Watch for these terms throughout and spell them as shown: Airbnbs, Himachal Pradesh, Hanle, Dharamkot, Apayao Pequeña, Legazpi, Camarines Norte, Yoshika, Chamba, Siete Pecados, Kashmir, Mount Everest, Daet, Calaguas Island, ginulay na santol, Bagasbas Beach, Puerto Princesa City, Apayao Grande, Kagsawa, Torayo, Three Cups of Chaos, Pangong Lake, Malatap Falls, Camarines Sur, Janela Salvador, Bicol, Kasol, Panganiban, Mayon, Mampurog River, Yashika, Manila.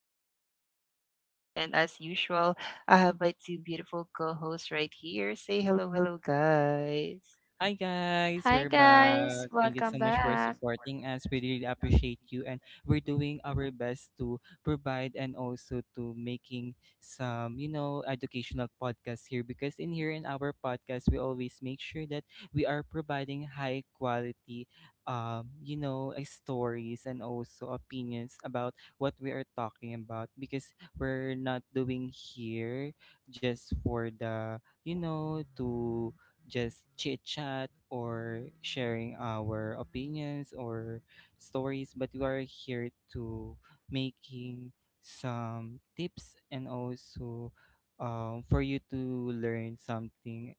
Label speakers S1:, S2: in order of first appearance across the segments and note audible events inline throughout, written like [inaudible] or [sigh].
S1: this is Three Cups of Chaos, and as usual, I have my two beautiful co hosts right here. Say hello, hello, guys.
S2: Hi
S1: Hi
S2: guys,
S3: Hi
S2: we're
S1: guys.
S2: back.
S3: guys,
S2: Thank you
S1: Thank
S2: so
S3: welcome
S1: you so
S2: much for
S1: much for
S3: back.
S2: supporting
S1: supporting
S2: us. We
S1: us.
S2: really
S1: Really love this
S2: appreciate
S1: week.
S2: you, and
S1: And
S2: we're
S1: we're
S2: doing our best to provide and also to making some, educational podcasts here because in here in our podcast we always make sure that we are providing high quality stories and also opinions about what we are talking about because we're not doing here just for the to just chit chat or sharing our opinions or stories, but we are here to making some tips, and also for you to learn something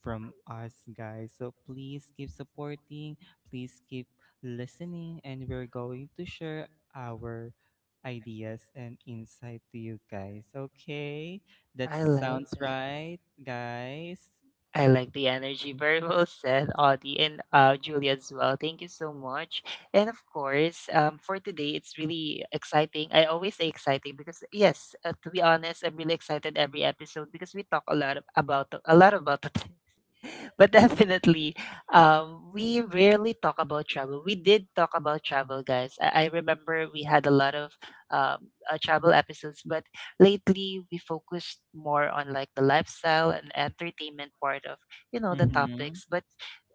S2: from
S1: from
S2: us,
S1: us,
S2: guys.
S1: guys.
S2: So
S1: So
S2: please
S1: please
S2: keep
S1: keep
S2: supporting,
S1: supporting,
S2: please
S1: please
S2: keep
S1: keep
S2: listening,
S1: listening,
S2: and
S1: and
S2: we're
S1: we're going
S2: going to
S1: to
S2: share
S1: share our
S2: our ideas
S1: ideas
S2: and
S1: and
S2: insight
S1: tips
S2: to you
S1: with you
S2: guys.
S1: guys. Okay?
S2: Okay, that
S1: I like
S2: sounds
S1: so that.
S2: right,
S1: Try, guys.
S2: guys.
S1: I like the energy. Very well said, Audie and Julia as well. Thank you so much. And of course, for today, it's really exciting. I always say exciting because, yes, to be honest, I'm really excited every episode because we talk a lot about a lot about the [laughs] [laughs] but definitely, we rarely talk about travel. We did talk about travel, guys. I remember we had a lot of travel episodes, but lately we focused more on like the lifestyle and entertainment part of the
S2: Mm-hmm.
S1: topics. But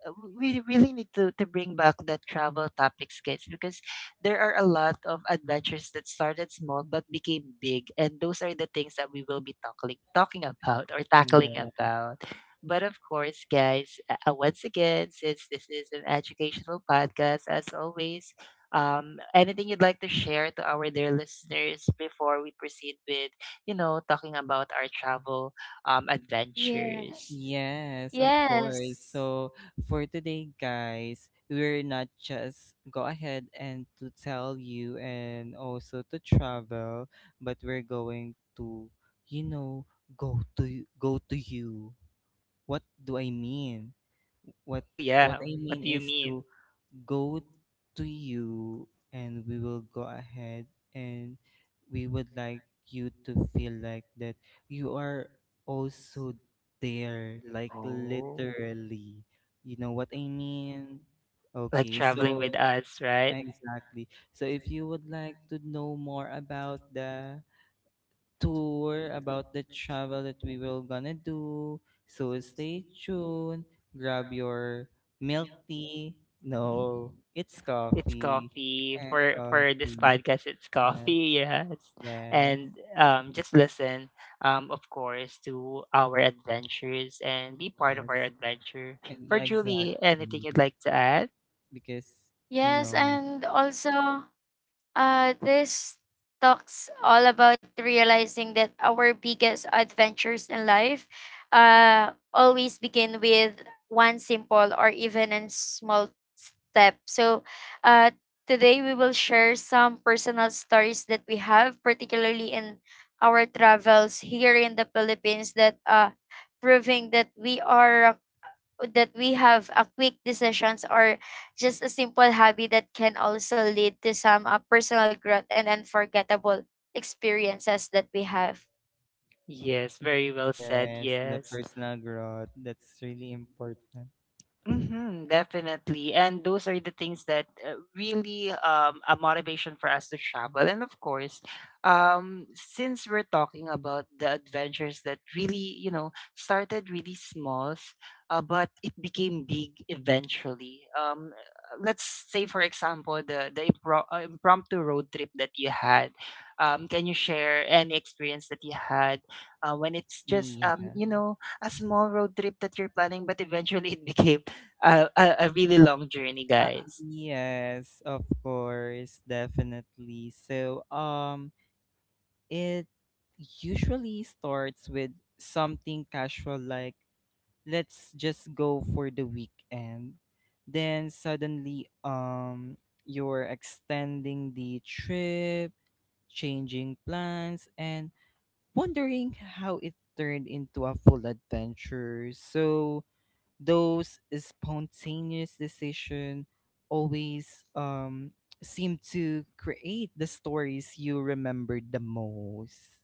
S1: we really need to bring back the travel topics, guys, because there are a lot of adventures that started small but became big, and those are the things that we will be talking about or tackling
S2: Yeah.
S1: about. But of course, guys, once again, since this is an educational podcast, as always, anything you'd like to share to our dear listeners before we proceed with talking about our travel
S3: Yeah.
S1: adventures?
S2: Yes, of course.
S3: Yes.
S2: So for today, guys, we're not just go ahead and to tell you and also to travel, but we're going to, you know, go to you. What do I mean? What
S1: Oh,
S2: what
S1: yeah.
S2: I
S1: What
S2: mean
S1: do you
S2: is
S1: mean?
S2: to go to you, and we will go ahead, and we would like you to feel like that you are also there, like literally, you know what I mean.
S1: Like
S2: Okay,
S1: traveling
S2: so
S1: with us, right?
S2: exactly, so if you would like to know more about the tour, about the travel that we will gonna do. So stay tuned. Grab your milk tea. No, it's
S1: It's
S2: coffee
S1: coffee
S2: and
S1: for this
S2: coffee.
S1: podcast. It's
S2: Yes,
S1: coffee, [laughs] yes,
S2: yes,
S1: and just listen, of course, to our adventures and be part of
S2: yes.
S1: our adventure.
S2: And
S1: For
S2: yeah,
S1: Julie, anything
S2: exactly.
S1: you'd like to add?
S2: Because you
S3: Yes,
S2: know,
S3: and also this talks all about realizing that our biggest adventures in life always begin with one simple or even a small step. So, uh, today we will share some personal stories that we have, particularly in our travels here in the Philippines, that proving that we are that we have a quick decisions or just a simple hobby that can also lead to some personal growth and unforgettable experiences that we have.
S1: Yes, very well said.
S2: yes, the
S1: Yes.
S2: personal growth. That's really important.
S1: Mhm, definitely. And those are the things that really a motivation for us to travel. And of course, since we're talking about the adventures that really started really small, but it became big eventually. Let's say for example the impromptu road trip that you had. Can you share any experience that you had when it's just
S2: Yeah.
S1: a small road trip that you're planning, but eventually [laughs] it became a really long journey,
S2: Uh,
S1: guys.
S2: yes, of course, definitely. So, it usually starts with something casual like, let's just go for the weekend. Then suddenly you're extending the trip, changing plans, and wondering how it turned into a full adventure. So those spontaneous decision always seem to create the stories you remember the most.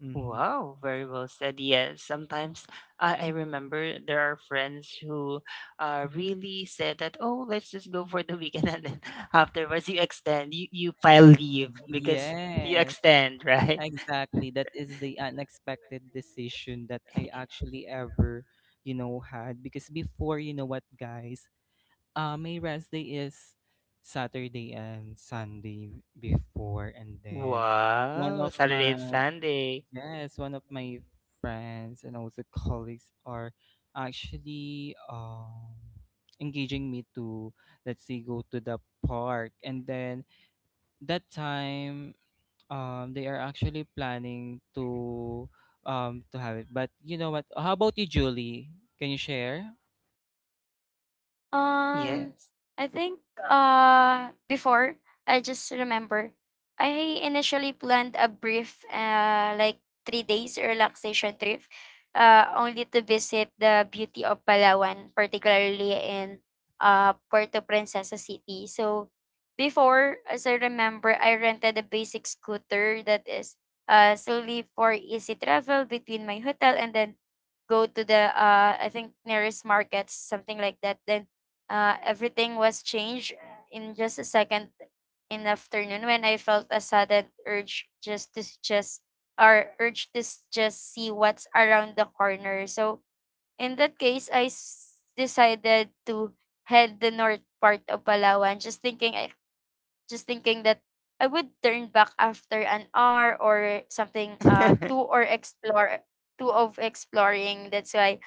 S2: Hmm.
S1: Wow, very well said. Yes, sometimes I remember there are friends who really said that, oh, let's just go for the weekend. And then [laughs] afterwards, you extend, you file leave because you
S2: Yes,
S1: extend, right? [laughs]
S2: exactly, that is the unexpected decision that I actually ever had. Because before, you know what, guys, my rest day is Saturday and Sunday before, and then one
S1: Wow,
S2: of
S1: Saturday
S2: my
S1: and Sunday.
S2: yes, one of my friends and also colleagues are actually engaging me to, let's say, go to the park, and then that time, they are actually planning to have it. But you know what? How about you, Julie? Can you share? Yeah.
S3: Um,
S1: Yes.
S3: I think before I just remember I initially planned a brief like 3 days relaxation trip only to visit the beauty of Palawan, particularly in Puerto Princesa City. So before, as I remember, I rented a basic scooter that is solely for easy travel between my hotel and then go to the I think nearest markets, something like that. Then everything was changed in just a second in the afternoon when I felt a sudden urge just to s- just or urge to s- just see what's around the corner. So in that case, I decided to head the north part of Palawan, just thinking that I would turn back after an hour or something to or explore to of exploring. That's why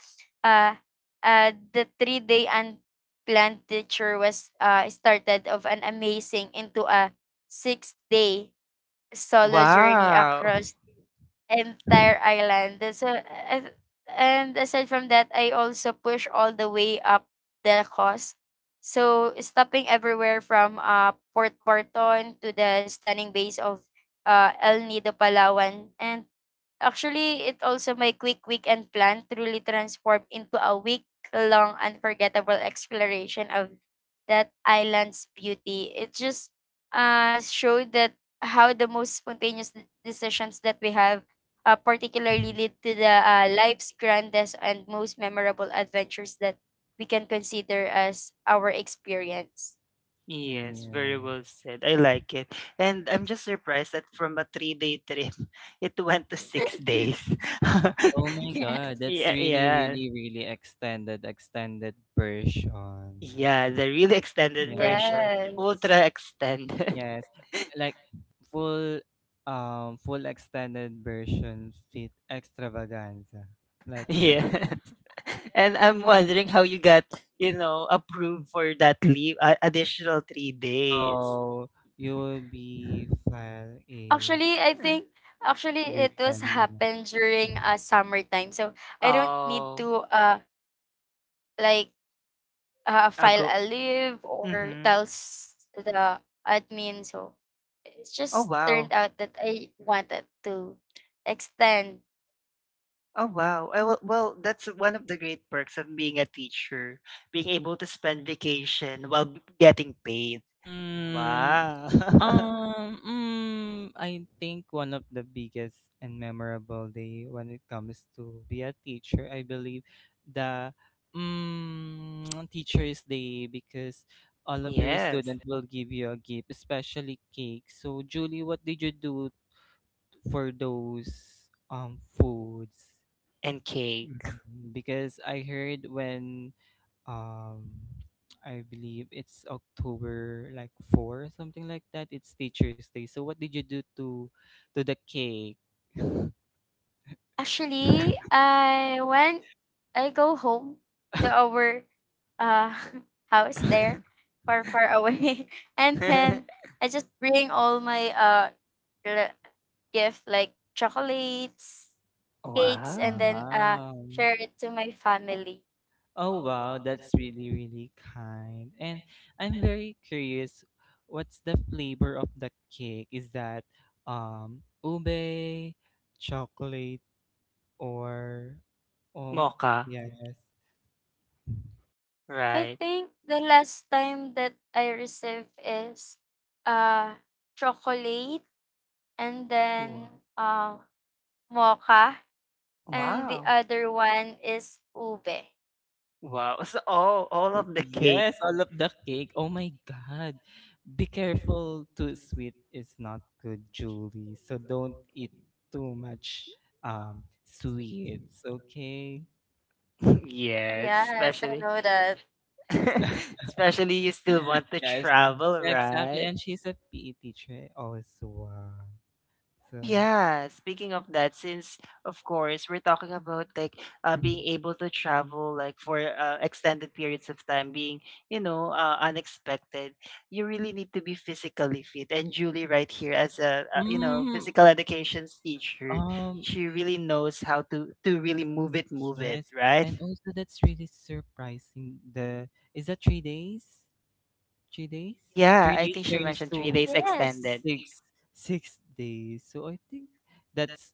S3: uh the 3 day unplanned teacher was started of an amazing into a 6 day
S1: [laughs]
S3: solo journey
S1: Wow.
S3: across entire island. So, and aside from that, I also push all the way up the coast. So, stopping everywhere from Port Porton to the stunning base of El Nido, Palawan. And actually, it also my quick weekend plan truly transformed into a week-long unforgettable exploration of that island's beauty. It just showed that how the most decisions that we have particularly lead to the life's grandest and most memorable adventures that we can consider as our experience.
S1: Yes, very
S2: Yeah.
S1: well said. I like it. And I'm just surprised that from a 3-day trip, [laughs] it went to 6 days. [laughs]
S2: Oh
S3: [laughs]
S2: my God,
S3: Yes.
S2: that's
S1: Yeah,
S2: really,
S1: yeah.
S2: really, really extended, extended version.
S1: Yeah, the really extended
S2: Yeah, it's
S1: version.
S3: Yes.
S1: Ultra extended.
S2: yes,
S1: [laughs]
S2: like full, full extended version fit extravaganza. Like,
S1: Yeah. [laughs]
S2: [laughs]
S1: And I'm wondering how you got approved for that leave, additional 3 days.
S2: no, you will be file a
S3: Actually, I think actually
S2: grade
S3: it was
S2: ten. Uno.
S3: happened during summertime. So I don't need
S1: Oh,
S3: to like
S1: I
S3: file a
S1: go.
S3: leave or
S1: Mm-hmm.
S3: tell the admin. So it's
S1: Oh,
S3: just
S1: wow.
S3: turned out that I wanted to extend.
S1: Oh wow. Well, that's one of the great perks of being a teacher, being able to spend vacation while getting paid.
S2: Mm,
S1: Wow.
S2: I think one of the biggest and memorable day when it comes to be a teacher, I believe the [tsk] Teacher's Day because all
S1: [laughs]
S2: of your
S1: Yes.
S2: students will give you a gift, especially cake. So, Julie, what did you do for those foods?
S1: And cake.
S2: Mhm. Because I heard, when um I believe it's October like 4th, something like that. It's Teacher's Day. So what did you do to the cake? [laughs]
S3: Actually, I when I go home to our uh [laughs] house there
S1: [laughs]
S3: far far away [laughs] and then I just bring all my le- gift like chocolates, cakes and
S1: Wow.
S3: then
S2: Wow.
S3: share it to my family.
S2: Oh, wow, that's really really kind. And I'm very curious, what's the flavor of the cake? Is that ube, chocolate, or um
S1: Mocha.
S2: yes.
S3: I
S1: Right.
S3: think the last time that I received is uh chocolate and
S1: Wow.
S3: then uh mocha and the
S1: Wow.
S3: other one is ube.
S1: Wow. So all of the cake.
S2: Yes, all of the cake. Oh my God. Be careful. Too sweet is not good, Julie. So don't eat too much sweets, okay?
S1: [laughs] Yes,
S3: Yes, I
S1: especially.
S3: know that.
S2: [laughs]
S1: [laughs] Especially you still want to
S2: Yes,
S1: travel,
S2: exactly.
S1: right?
S2: And she's a PE teacher also. Ah.
S1: Oh
S2: So,
S1: yeah, speaking of that, since of course we're talking about like being able to travel like for extended periods of time, being unexpected, you really need to be physically fit. And Julie, right here as a
S2: mm,
S1: physical education's teacher,
S2: um,
S1: she really knows how to really move it,
S2: yes.
S1: right?
S2: And also, that's really surprising. The Is that 3 days? 3 days?
S1: Yeah,
S2: Three
S1: I
S2: days
S1: think she
S2: turns
S1: mentioned three
S2: to
S1: days
S3: Yes.
S1: extended.
S2: Six six days. So I think that's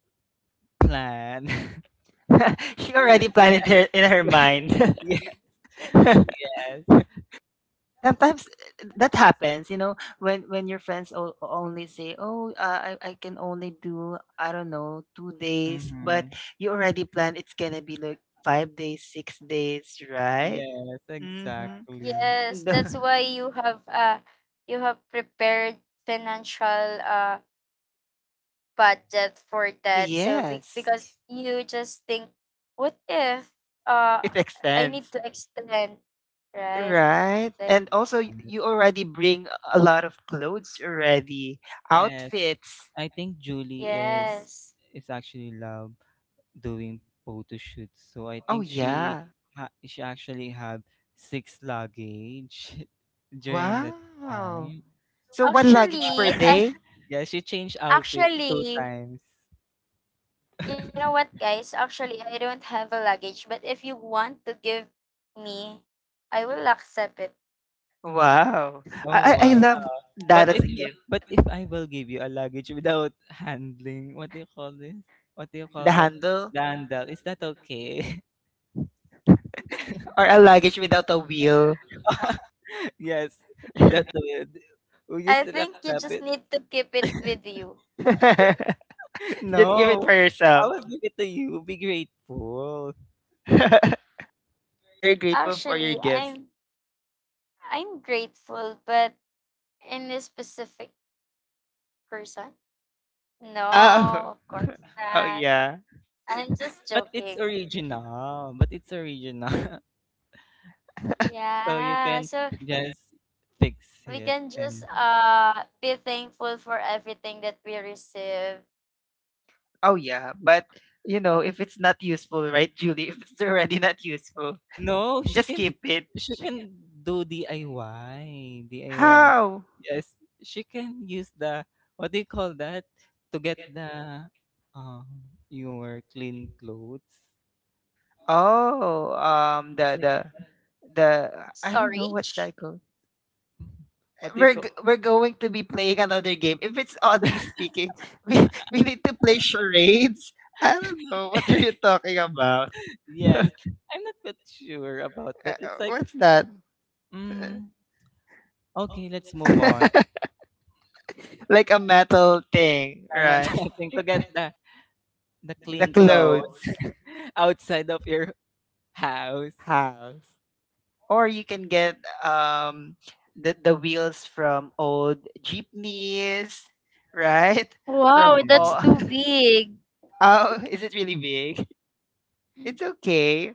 S2: plan. [laughs]
S1: [laughs] She already planned it
S2: Yeah,
S1: in her mind.
S2: yeah.
S1: [laughs]
S2: Yes.
S1: Sometimes that happens when your friends only say, "Oh, I can only do I don't know 2 days," but
S2: Mm-hmm.
S1: you already plan it's gonna be like 5 days, 6 days, right?
S2: Yes,
S1: Mm-hmm.
S2: exactly.
S3: Yes, that's
S1: The,
S3: why you have prepared financial budget for that. So
S1: [laughs] yes,
S3: because you just think what if uh
S1: it
S3: I need
S1: extends,
S3: to extend, right?
S1: right?
S3: Like
S1: And also, you
S2: Yes.
S1: already bring a lot of clothes already,
S2: Yes.
S1: outfits.
S2: I think Julie is
S3: yes.
S2: is actually love doing photo shoots. So I
S1: Oh
S2: think
S1: yeah.
S2: she actually have six luggage [laughs] during that
S1: Wow!
S2: time.
S1: So 1 luggage per
S3: Actually, I
S2: [laughs]
S1: day?
S2: Yeah, she changed outfit two
S3: actually,
S2: times.
S3: you know what, guys? Actually, I don't have a luggage, but if you want to give me, I will accept it.
S1: Wow!
S2: Oh,
S1: I
S2: wow.
S1: love
S2: But
S1: that as
S2: if
S1: a
S2: you
S1: gift.
S2: but if I will give you a luggage without [laughs] handling, what do you call this? What do you call
S1: The
S2: that?
S1: handle
S2: Dandel. Is that okay?
S1: [laughs] or a luggage without a wheel.
S2: [laughs] Yes. Without
S1: [laughs]
S2: the Will you
S3: I
S2: still
S3: think you
S2: accept
S3: just
S2: it?
S3: need to keep it with
S2: [laughs]
S3: you.
S1: Just give it
S2: No.
S1: for
S2: I
S1: yourself.
S2: will give it to you. Be grateful.
S1: [laughs] Very grateful for your
S3: Actually,
S1: gifts.
S3: I'm I'm grateful, but in a specific person? No,
S1: Oh. [laughs]
S3: of course
S1: Oh
S3: not.
S1: yeah.
S3: I'm just
S2: But it's
S3: joking.
S2: original. But it's original. [laughs] So you
S3: Yeah,
S2: can
S3: so
S2: just fix
S3: we
S2: it
S3: can just
S2: and
S3: be thankful for everything that we receive.
S1: Oh yeah, but if it's not useful, right, Julie? [laughs] If it's already not useful,
S2: [laughs] no,
S1: just keep it.
S2: she can do DIY, DIY.
S1: How?
S2: Yes, she can use the what do you call that to get the um your clean clothes.
S1: Oh,
S2: Like, uh,
S1: the I don't know what's
S3: Storage?
S1: that called.
S2: what do you call?
S1: We're going to be playing another game. If it's Audi
S2: [laughs]
S1: speaking, [laughs] we need to play charades. I don't know what are you talking about.
S2: Yes, I'm not quite sure about
S1: [laughs] uh,
S2: that. It's like,
S1: what's that? Uh,
S2: mm, okay, let's move on.
S1: [laughs] like a metal thing,
S2: I'm not [laughs]
S1: right?
S2: thinking to
S1: [laughs]
S2: get the
S1: The
S2: clean clothes
S1: clothes
S2: [laughs] outside of your house.
S1: house. Or you can get um the wheels from old jeepneys, right? [laughs]
S3: Wow,
S1: From
S2: Yeah.
S3: that's
S1: all
S3: too big.
S1: [laughs] Oh, is it really big? It's okay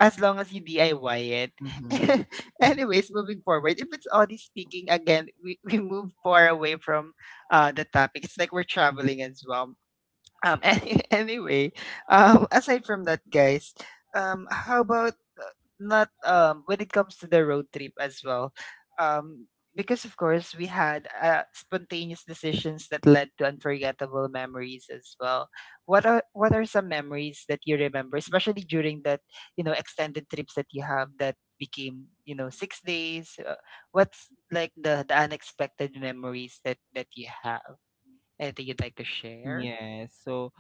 S1: as long as you DIY it.
S2: Mm-hmm.
S1: [laughs] Anyways, moving forward, if it's Audi speaking again, we move far away from the topic. It's like we're traveling as well. [laughs] Anyway, aside from that, guys, how about not when it comes to the road trip as well, um, because of course we had spontaneous decisions that led to unforgettable memories as well. What are some memories that you remember, especially during that extended trips that you have that became 6 days? What's like the unexpected memories that you have? Anything you'd like to share?
S2: Yes. So,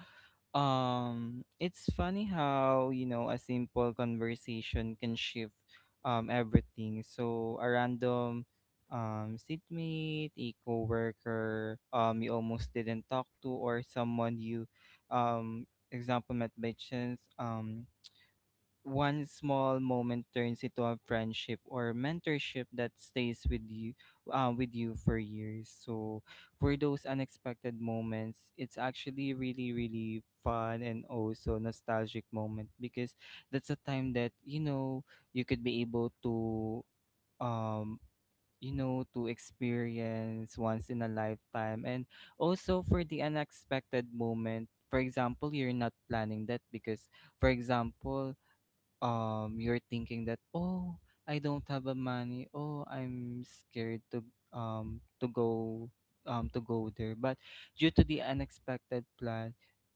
S2: it's funny how, you know, a simple conversation can shift everything. So, a random seatmate, a coworker, you almost didn't talk to, or someone you example met by chance. One small moment turns into a friendship or mentorship that stays with you for years. So for those unexpected moments, it's actually really really fun, and also nostalgic moment, because that's a time that you could be able to um to experience once in a lifetime. And also for the unexpected moment, for example, you're not planning that, because for example, you're thinking that, oh, I don't have a money, oh, I'm scared um to go to go there. But due to the unexpected plan,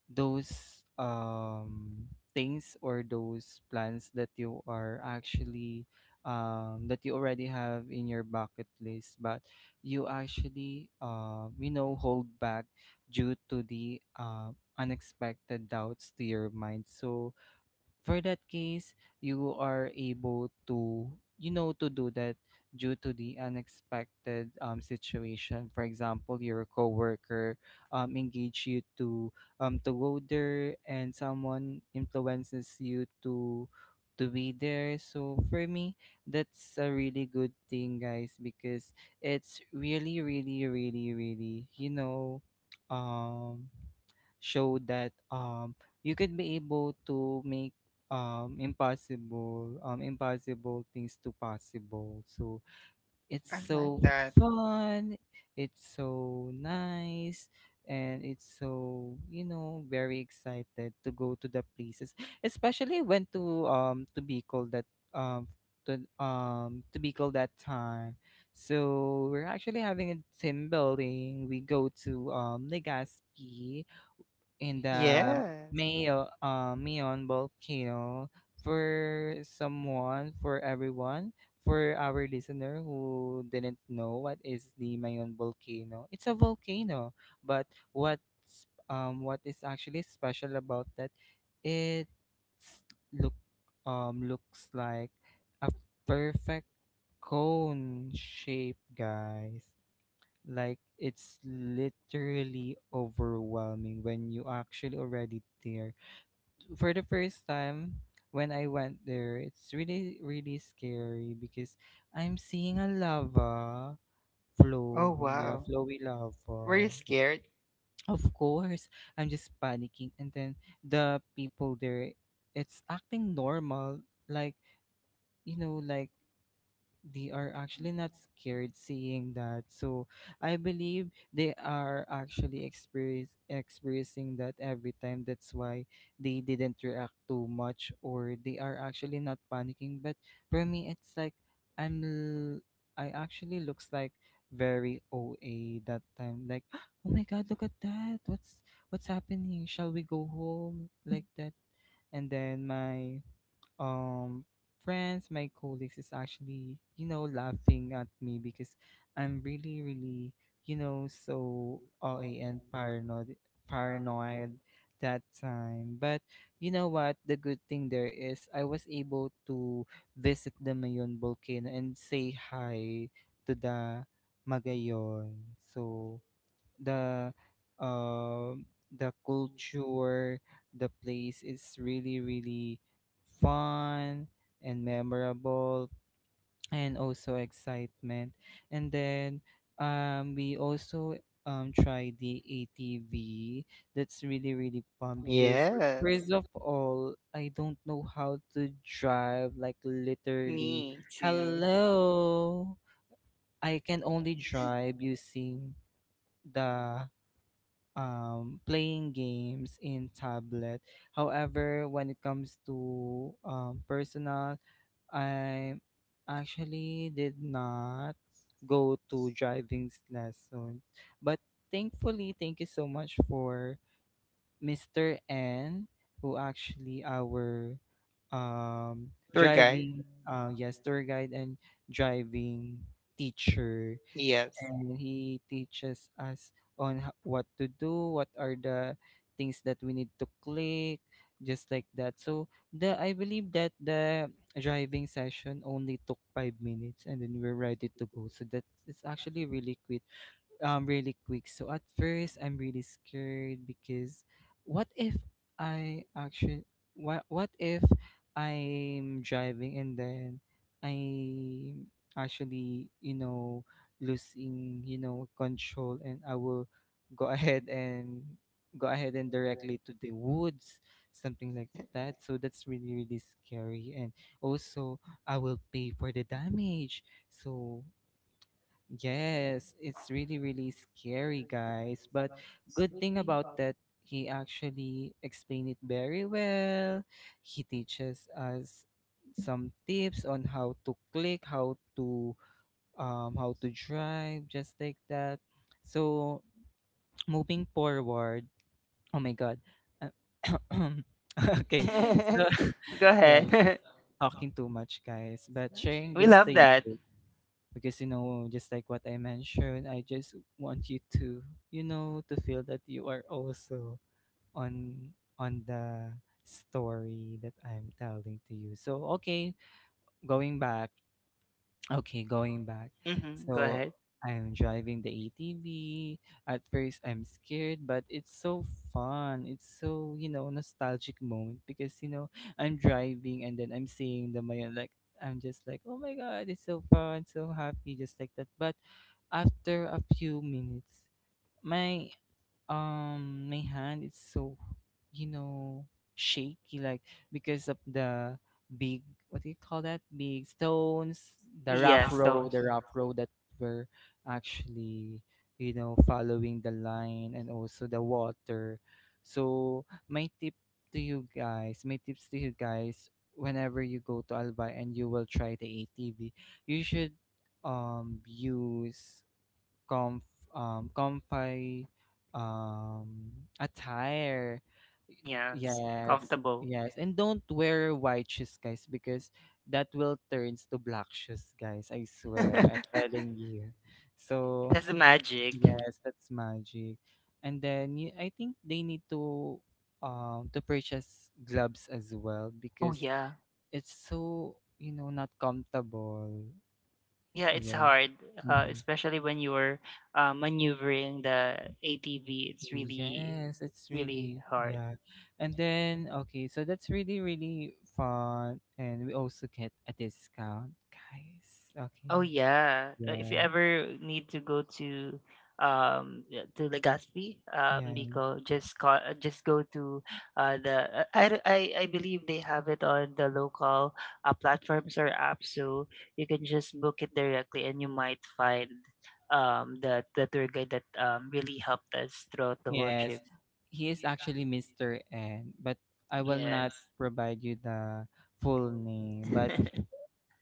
S2: those things, or those plans that you are actually that you already have in your bucket list, but you actually hold back due to the unexpected doubts to your mind. So for that case, you are able to, to do that due to the unexpected situation. For example, your coworker engage you to go there, and someone influences you to be there. So for me, that's a really good thing, guys, because it's really, really, really, really, um, show that you could be able to make impossible impossible things to possible. So it's
S1: I
S2: so
S1: like
S2: fun. It's so nice. And it's so very excited to go to the places, especially when to be called that to be called that time. So we're actually having a team building. We go to Legazpi, in the
S1: Yes.
S2: Mayon volcano. For someone, for everyone, for our listener who didn't know what is the Mayon volcano. It's a volcano, but what's what is actually special about that? It look looks like a perfect cone shape, guys. Like, it's literally overwhelming when you actually already there. For the first time when I went there, it's really really scary because I'm seeing a lava
S1: Oh,
S2: flowing, yeah,
S1: wow.
S2: flowy
S1: Were you
S2: lava.
S1: scared?
S2: Of course, I'm just panicking, and then the people there, it's acting normal, like, like they are actually not scared seeing that. So I believe they are actually experiencing that every time. That's why they didn't react too much, or they are actually not panicking. But for me, it's like, I'm l- I actually looks like very OA that time. Like, [gasps] oh my God, look at that. What's happening? Shall we go home? Like that. And then my um friends my colleagues is actually laughing at me because I'm really really so OA and paranoid that time. But you know what, the good thing there is I was able to visit the Mayon volcano and say hi to the Magayon. So the um culture, the place, is really really fun and memorable, and also excitement. And then we also try the ATV. That's really really fun because
S1: Yes.
S2: first of all, I don't know how to drive, like, literally.
S1: Me too.
S2: Hello. I can only drive using the playing games in tablet. However, when it comes to personal, I actually did not go to driving lesson. But thankfully, thank you so much for Mr. N, who actually our um,
S1: Tour guide?
S2: driving, yes, tour guide and driving teacher,
S1: Yes.
S2: and he teaches us on what to do, what are the things that we need to click, just like that. So the I believe that the driving session only took 5 minutes, and then we're ready to go. So that it's actually really quick. So at first, I'm really scared because what if I actually what if I'm driving, and then I actually, losing, control, and I will go [laughs] ahead and go ahead and directly to the woods, something like that. So that's really really scary, and also, I will pay for the damage. So, yes, it's really, really scary, guys. But good thing about that, he actually explained it very well. He teaches us some tips on how to click, how to drive, just like that. So [tsk] moving forward, oh my God. Uh, [coughs] okay. So
S1: [laughs] Go
S2: [laughs] yeah,
S1: ahead. [laughs]
S2: talking too much, guys. But sharing
S1: We
S2: this
S1: love
S2: to you
S1: that.
S2: because just like what I mentioned, I just want you to feel that you are also on on the story that I'm telling to you. So going back okay, going back.
S1: Hmm. Go
S2: So
S1: ahead.
S2: I'm driving the ATV. At first, I'm scared, but it's so fun. It's so, nostalgic moment because, I'm driving and then I'm seeing the Mayan. Like, I'm just like, oh my God, it's so fun, so happy, just like that. But after a few minutes, my my hand is so, you know shaky, like because of the big, what do you call that, big stones, the rough
S1: Yes, so
S2: road, that were actually, following the line and also the water. So my tips to you guys, whenever you go to albay and you will try the atv, you should use comf comfy um, attire.
S1: yes,
S2: Yes,
S1: comfortable.
S2: yes. And don't wear white shoes, guys, because that will turns to black shoes, guys. I swear, I'm
S1: [laughs] It
S2: telling you. So
S1: has a magic.
S2: yes, that's magic. And then, you, I think they need to purchase gloves as well
S1: Oh
S2: because
S1: yeah.
S2: it's so, not comfortable.
S1: Yeah, it's
S2: Yeah.
S1: hard,
S2: Mhm.
S1: especially when you're maneuvering the ATV. It's really,
S2: Yes, it's
S1: really
S2: really,
S1: hard.
S2: yeah. And then okay, so that's really really fun and we also get a discount, guys.
S1: Oh
S2: Okay.
S1: yeah, if you
S2: Yeah.
S1: ever need to go to yeah, to Legazpi,
S2: Yeah.
S1: Bicol, just call, just go to the I, d- I believe they have it on the local platforms or apps, so you can just book it directly, and you might find the tour guide that really helped us throughout the whole
S2: Yes.
S1: trip.
S2: He is actually Mr. N, but I will not
S1: Yes.
S2: provide you the full name, but
S1: [laughs]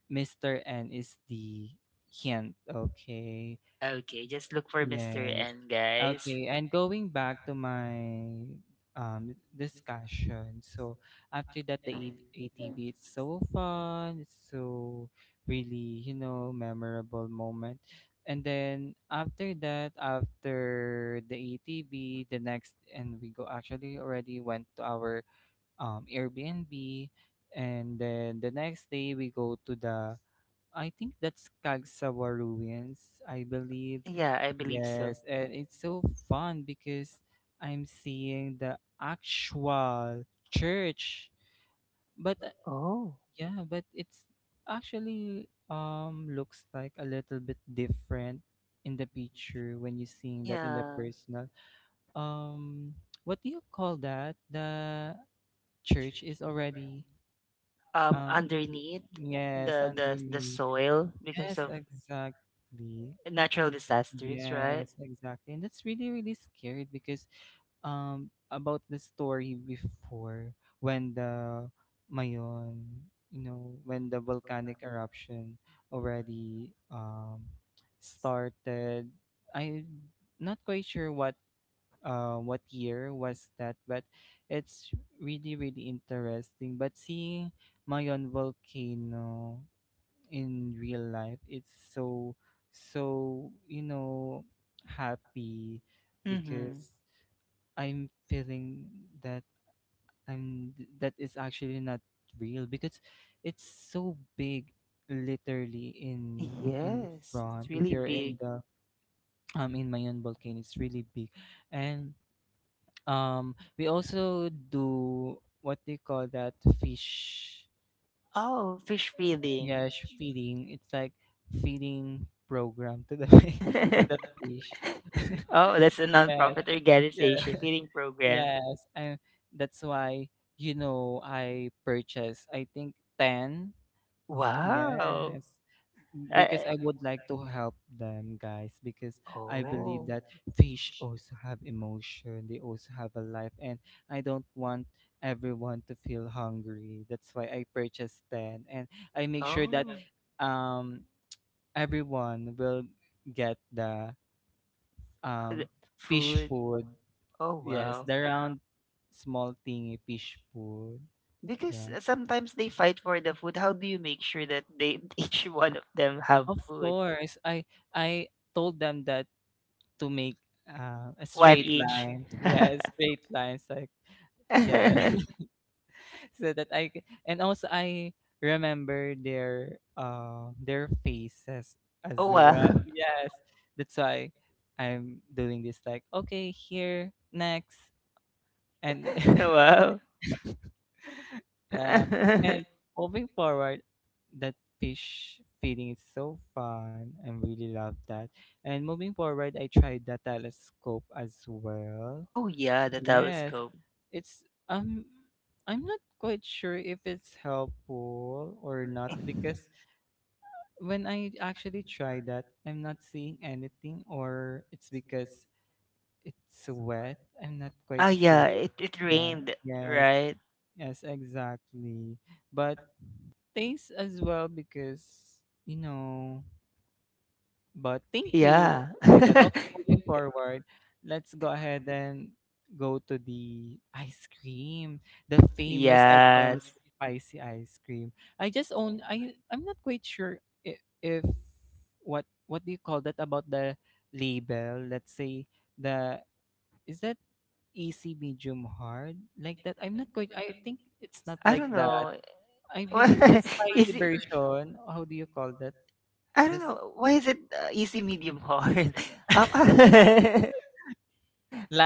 S2: Mr. N is the hint, okay?
S1: Okay, just look for Mister
S2: Yes.
S1: N, guys.
S2: Okay, and going back to my discussion. So after that, the ATV, it's so fun, it's so really, memorable moment. And then after that, after the ATV, the next and we go, actually already went to our Airbnb, and then the next day we go to the, I think that's Kagsawa ruins, I believe.
S1: Yeah, I believe so.
S2: Yes, and it's so fun because I'm seeing the actual church. But
S1: Oh,
S2: Yeah, but it's actually looks like a little bit different in the picture when you're seeing that in the
S1: yeah.
S2: personal. Um what do you call that? The church is already um y-
S1: Underneath
S2: yes,
S1: the
S2: underneath.
S1: soil because
S2: Yes,
S1: of
S2: exactly.
S1: natural disasters, right?
S2: Yes, exactly. And that's really, really scary because about the story before, when the Mayon, when the volcanic eruption already started. I'm not quite sure what, year was that, but it's really, really interesting. But seeing Mayon volcano in real life, it's so, so you know happy
S1: Mm-hmm.
S2: because I'm feeling that I'm that is actually not real because it's so big, literally, in
S1: Yes, it's
S2: front. If
S1: really
S2: you're in
S1: big.
S2: the, in mayon volcano, it's really big. And we also do what they call that, fish.
S1: Oh, fish feeding.
S2: Yeah, feeding. It's like feeding program to the
S1: [laughs]
S2: [laughs] to the fish. [laughs]
S1: Oh, that's a
S2: Yes,
S1: non-profit organization
S2: yeah,
S1: feeding program.
S2: yes. And that's why, I purchased, I think 10.
S1: Wow.
S2: Yes, because
S1: I,
S2: I would like to help them, guys. Because I believe
S1: oh.
S2: that fish also have emotion. They also have a life, and I don't want everyone to feel hungry. That's why I purchased 10, and I make sure that
S1: Oh.
S2: um everyone will get the
S1: Th-
S2: um fish
S1: Food.
S2: food.
S1: Oh, yes,
S2: Yes,
S1: wow.
S2: the
S1: Yes,
S2: round small thingy fish food.
S1: because
S2: Yeah.
S1: sometimes they fight for the food. How do you make sure that they [laughs] each one of them have
S2: Of
S1: food? It's
S2: course. I told them that to make, a
S1: a One
S2: straight
S1: each.
S2: line. [laughs]
S1: [laughs]
S2: Yeah, straight lines, like, yeah.
S1: Yeah, street
S2: [laughs] So that and also I remember their, faces
S1: [laughs]
S2: as
S1: Oh,
S2: well. [laughs]
S1: wow.
S2: Yes. That's why I'm doing this, like, okay, here next, and
S1: [laughs] [laughs] Wow.
S2: [laughs] [laughs]
S1: [laughs]
S2: Yeah.
S1: And
S2: And moving forward, that fish feeding is so fun. I really love that. And moving forward, I tried the telescope as well.
S1: oh, yeah, the yeah.
S2: Yes.
S1: Telescope.
S2: It's I'm not quite sure if it's helpful or not because when I actually try that, I'm not seeing anything, or it's because it's wet. I'm not quite
S1: Ah, yeah,
S2: sure.
S1: it
S2: Yeah.
S1: rained,
S2: Yes.
S1: right?
S2: Yes, exactly. But thanks as well because, you know, but thank you.
S1: Yeah.
S2: Just like that. Okay,
S1: [laughs]
S2: moving forward, let's go ahead and go to the ice cream, the famous iconic
S1: Yes.
S2: spicy ice cream. I just own I I'm not quite sure if what what do you call that about the label? Let's say the, is that easy, medium, hard, like that? I
S1: I
S2: think it's not like
S1: don't
S2: that.
S1: know. [laughs]
S2: I believe the spicy
S1: Is it?
S2: version. How do you call that?
S1: I don't
S2: This
S1: know. Why is it easy, medium, hard? [laughs] Um,
S2: [laughs]
S1: [laughs]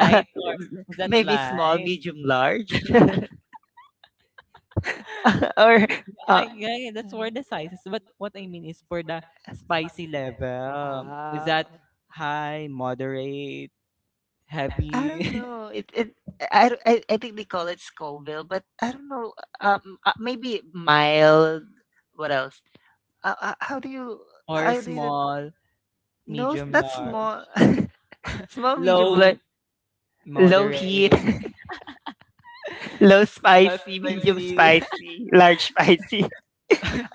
S1: uh,
S2: or is that
S1: maybe small,
S2: light?
S1: medium, large, [laughs] or we uh,
S2: I, yeah, yeah, that's for the sizes. But what I mean is for the spicy level. Is
S1: ah,
S2: that high, moderate,
S1: [laughs] I don't
S2: heavy,
S1: know. It I, don't- I think they call it Scoville, but I don't know. Maybe mild. What else? How do you?
S2: [laughs] or
S1: How do you?
S2: small,
S1: No,
S2: medium,
S1: not
S2: large,
S1: small. [laughs] Small, medium,
S2: low,
S1: like
S2: moderate,
S1: low heat, [laughs]
S2: [laughs]
S1: low
S2: but
S1: spicy, medium
S2: spicy, [laughs]
S1: spicy, large spicy. [laughs]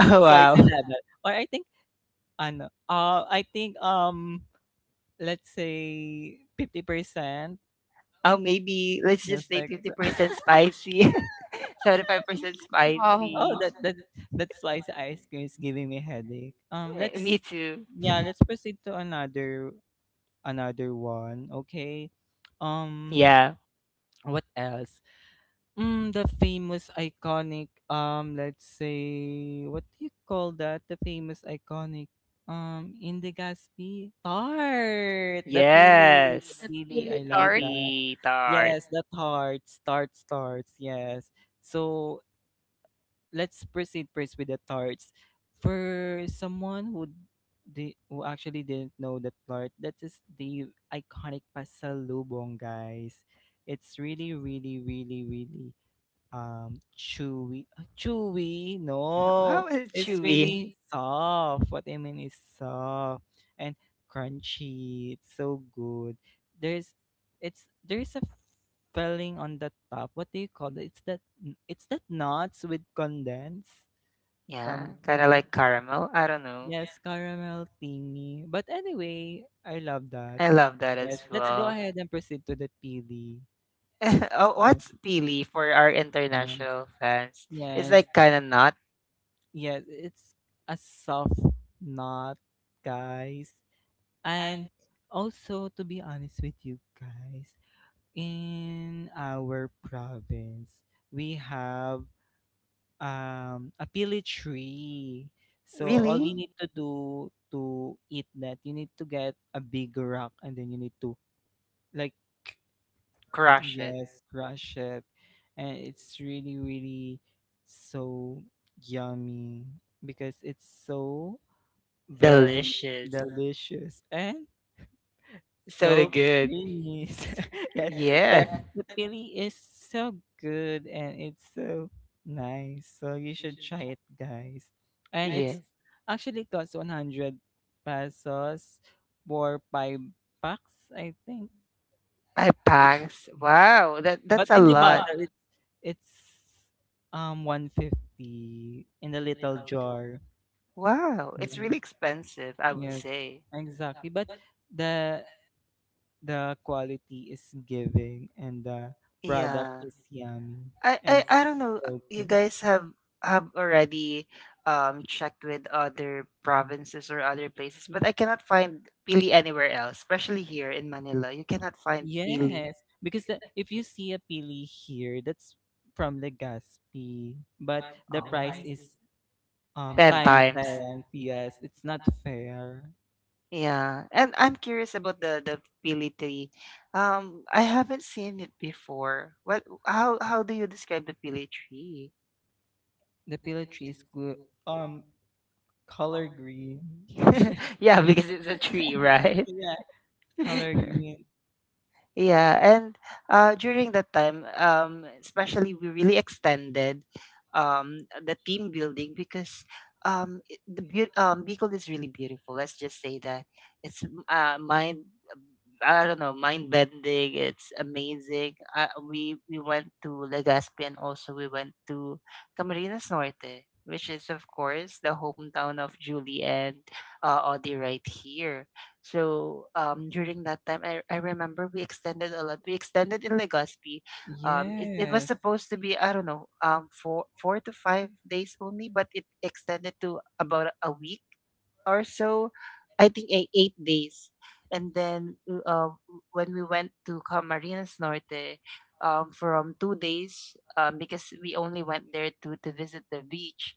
S1: Oh
S2: spicy
S1: wow.
S2: level. Or I think, I think let's say 50%.
S1: Oh, maybe let's just
S2: Just
S1: say
S2: like
S1: 50%
S2: that.
S1: spicy, [laughs] 75%
S3: Wow.
S1: spicy.
S2: Oh, that slice ice cream is giving me headache. Let's,
S1: Me too.
S2: proceed to another one. Okay. Um,
S1: Yeah.
S2: what else? The famous iconic. Let's say, what do you call that? The famous iconic. Indagaspy tart. The pili, the
S3: The
S2: pili. I
S3: Pili
S2: love
S3: Tart.
S2: that.
S1: Really tart.
S2: Yes, the tart. Tart starts. Yes. So let's proceed first with the tarts. For someone who, who actually didn't know the tart, that is the iconic pasalubong, guys. It's really, really, really, really chewy, chewy, no,
S1: How is it
S2: it's really
S1: chewy?
S2: soft. What I mean is soft and crunchy, it's so good. there's there's a filling on the top, what do you call it, it's that nuts with condensed
S1: Yeah, kind of
S2: something.
S1: like caramel. I don't know.
S2: Yes, caramel thingy. But anyway, I love that.
S1: I love that
S2: Yes,
S1: as
S2: let's go
S1: well.
S2: ahead and proceed to the pd.
S1: [laughs] Oh,
S2: Yes,
S1: what's pili for our
S2: yes,
S1: international fans? It's
S2: yes.
S1: like kind of not
S2: Yes, it's a soft knot, guys. And also, to be honest with you guys, in our province, we have a pili tree. So all
S1: really
S2: you need to do to eat that, you need to get a big rock and then you need to, like,
S1: crush it.
S2: yes, crush it. And it's really, really so yummy because it's so very
S1: Delicious.
S2: delicious and
S1: So the
S2: so
S1: good.
S2: creamy. [laughs] So, yes, that
S1: Yeah.
S2: the pili is so good, and it's so nice. So you should try it, guys. And
S1: Yeah.
S2: it's actually costs 100 pesos for five packs, I think.
S1: I packs. Wow, that
S2: But
S1: that's a
S2: in the bottle,
S1: lot.
S2: it's 150 in the little jar.
S1: Wow, it's
S2: Yeah.
S1: really expensive, I would
S2: Yes.
S1: say.
S2: Exactly. But The quality is giving, and the product
S1: Yeah.
S2: is yummy
S1: I, I
S2: and
S1: I don't know.
S2: so
S1: You
S2: good.
S1: guys have already checked with other provinces or other places, but I cannot find pili anywhere else, especially here in Manila. You cannot find pili.
S2: Yes, because if you see a pili here, that's from Legazpi, but the
S1: Oh,
S2: price is
S1: ten
S2: time
S1: times.
S2: 10. Yes, it's not fair.
S1: Yeah, and I'm curious about the pili tree. I haven't seen it before. What? How do you describe the pili tree?
S2: The pili tree is good. Um, color green.
S1: [laughs] Yeah, because it's a tree, right?
S2: Yeah,
S1: [laughs]
S2: color green.
S1: Yeah, and during that time, especially we really extended the team building because Bicol is really beautiful. Let's just say that it's mine I don't know, mind bending. It's amazing. We went to Legazpi and also we went to Camarines Norte, which is of course the hometown of Julie and Audie right here. So during that time, I remember we extended a lot. We extended in Legazpi. It was
S2: Yes.
S1: supposed to be I don't know 4 to 5 days only, but it extended to about a week or so. I think 8 days. And then w- uh, when we went to Camarines Norte, from 2 days, because we only went there to visit the beach,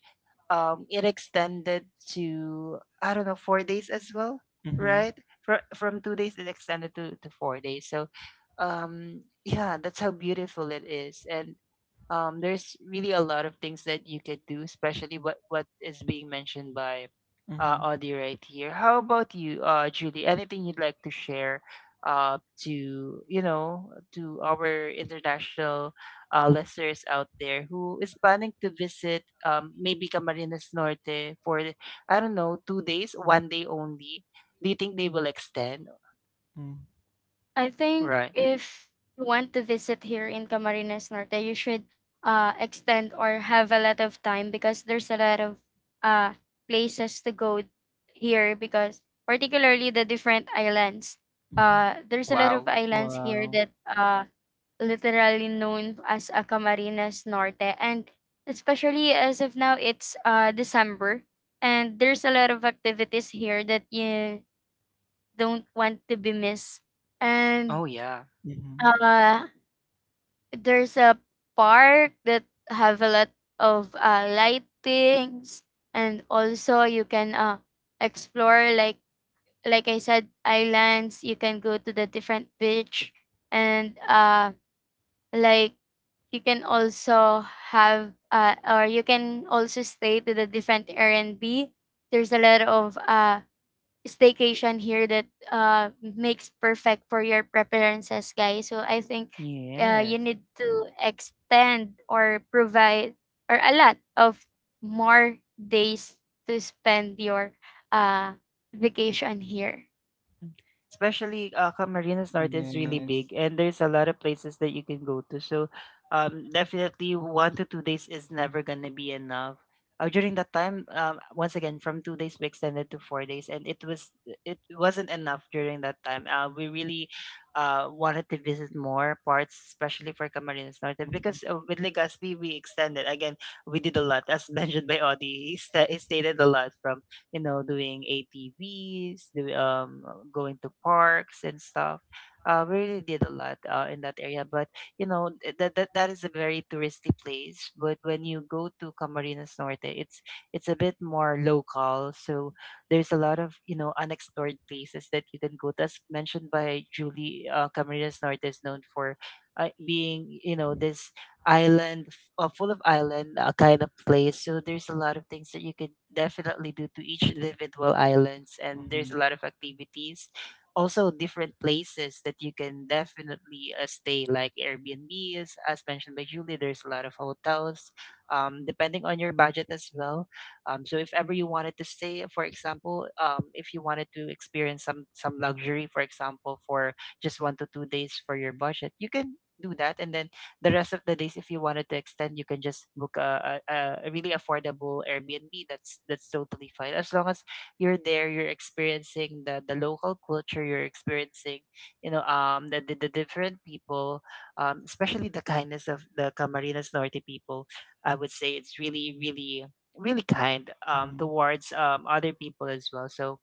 S1: it extended to, I don't know, 4 days as well,
S2: Mm-hmm.
S1: right? From 2 days, it extended to 4 days. So, yeah, that's how beautiful it is. And there's really a lot of things that you could do, especially what is being mentioned by
S2: Mm-hmm.
S1: Audie right here. How about you, Julie? Anything you'd like to share uh, to to our international listeners out there who is planning to visit maybe Camarines Norte for I don't know 2 days, one day only? Do you think they will extend?
S2: Mm,
S3: I think
S1: Right.
S3: if you want to visit here in Camarines Norte, you should extend or have a lot of time because there's a lot of uh, places to go here because particularly the different islands.
S2: mhm.
S1: Oh
S3: There's a lot of
S1: wow.
S3: islands here
S2: Wow.
S3: that literally known as a Camarines Norte and especially as of now it's December and there's a lot of activities here that you don't want to be missed. And
S1: Oh yeah.
S2: Mhm.
S3: uh, there's a park that have a lot of lightings, and also you can explore like I said, islands. You can go to the different beach, and like you can also have or you can also stay to the different Airbnb. There's a lot of staycation here that makes perfect for your preferences, guys. So I think you
S1: Yes.
S3: need to extend or provide or a lot of more days to spend your uh vacation here.
S1: Mm. Especially, Camarines Norte is really
S2: Yes.
S1: big, and there's a lot of places that you can go to. So, definitely 1 to 2 days is never gonna be enough. During that time, once again, from 2 days we extended to 4 days, and it wasn't enough during that time. We really wanted to visit more parts, especially for Camarines Norte,
S2: Mhm.
S1: because with Legazpi we extended again. We did a lot, as [laughs] mentioned by Audie. He stated a lot from you know, doing ATVs, going to parks and stuff. We really did a lot in that area, but that is a very touristy place. But when you go to Camarines Norte, it's a bit more local. So there's a lot of unexplored places that you can go to. As mentioned by Julie, Camarines Norte is known for being this island full of island kind of place. So there's a lot of things that you could definitely do to each individual islands, and there's a lot of activities. Also, different places that you can definitely stay, like Airbnbs, as mentioned by Julie. There's a lot of hotels, depending on your budget as well. So if ever you wanted to stay, for example, if you wanted to experience some luxury, for example, for just 1 to 2 days for your budget, you can do that, and then the rest of the days, if you wanted to extend, you can just book a really affordable Airbnb. That's totally fine as long as you're there, you're experiencing the local culture, you're experiencing the, the different people, especially the kindness of the Camarines Norte people. I would say it's really really kind
S2: Mhm. Mhm.
S1: towards other people as well. So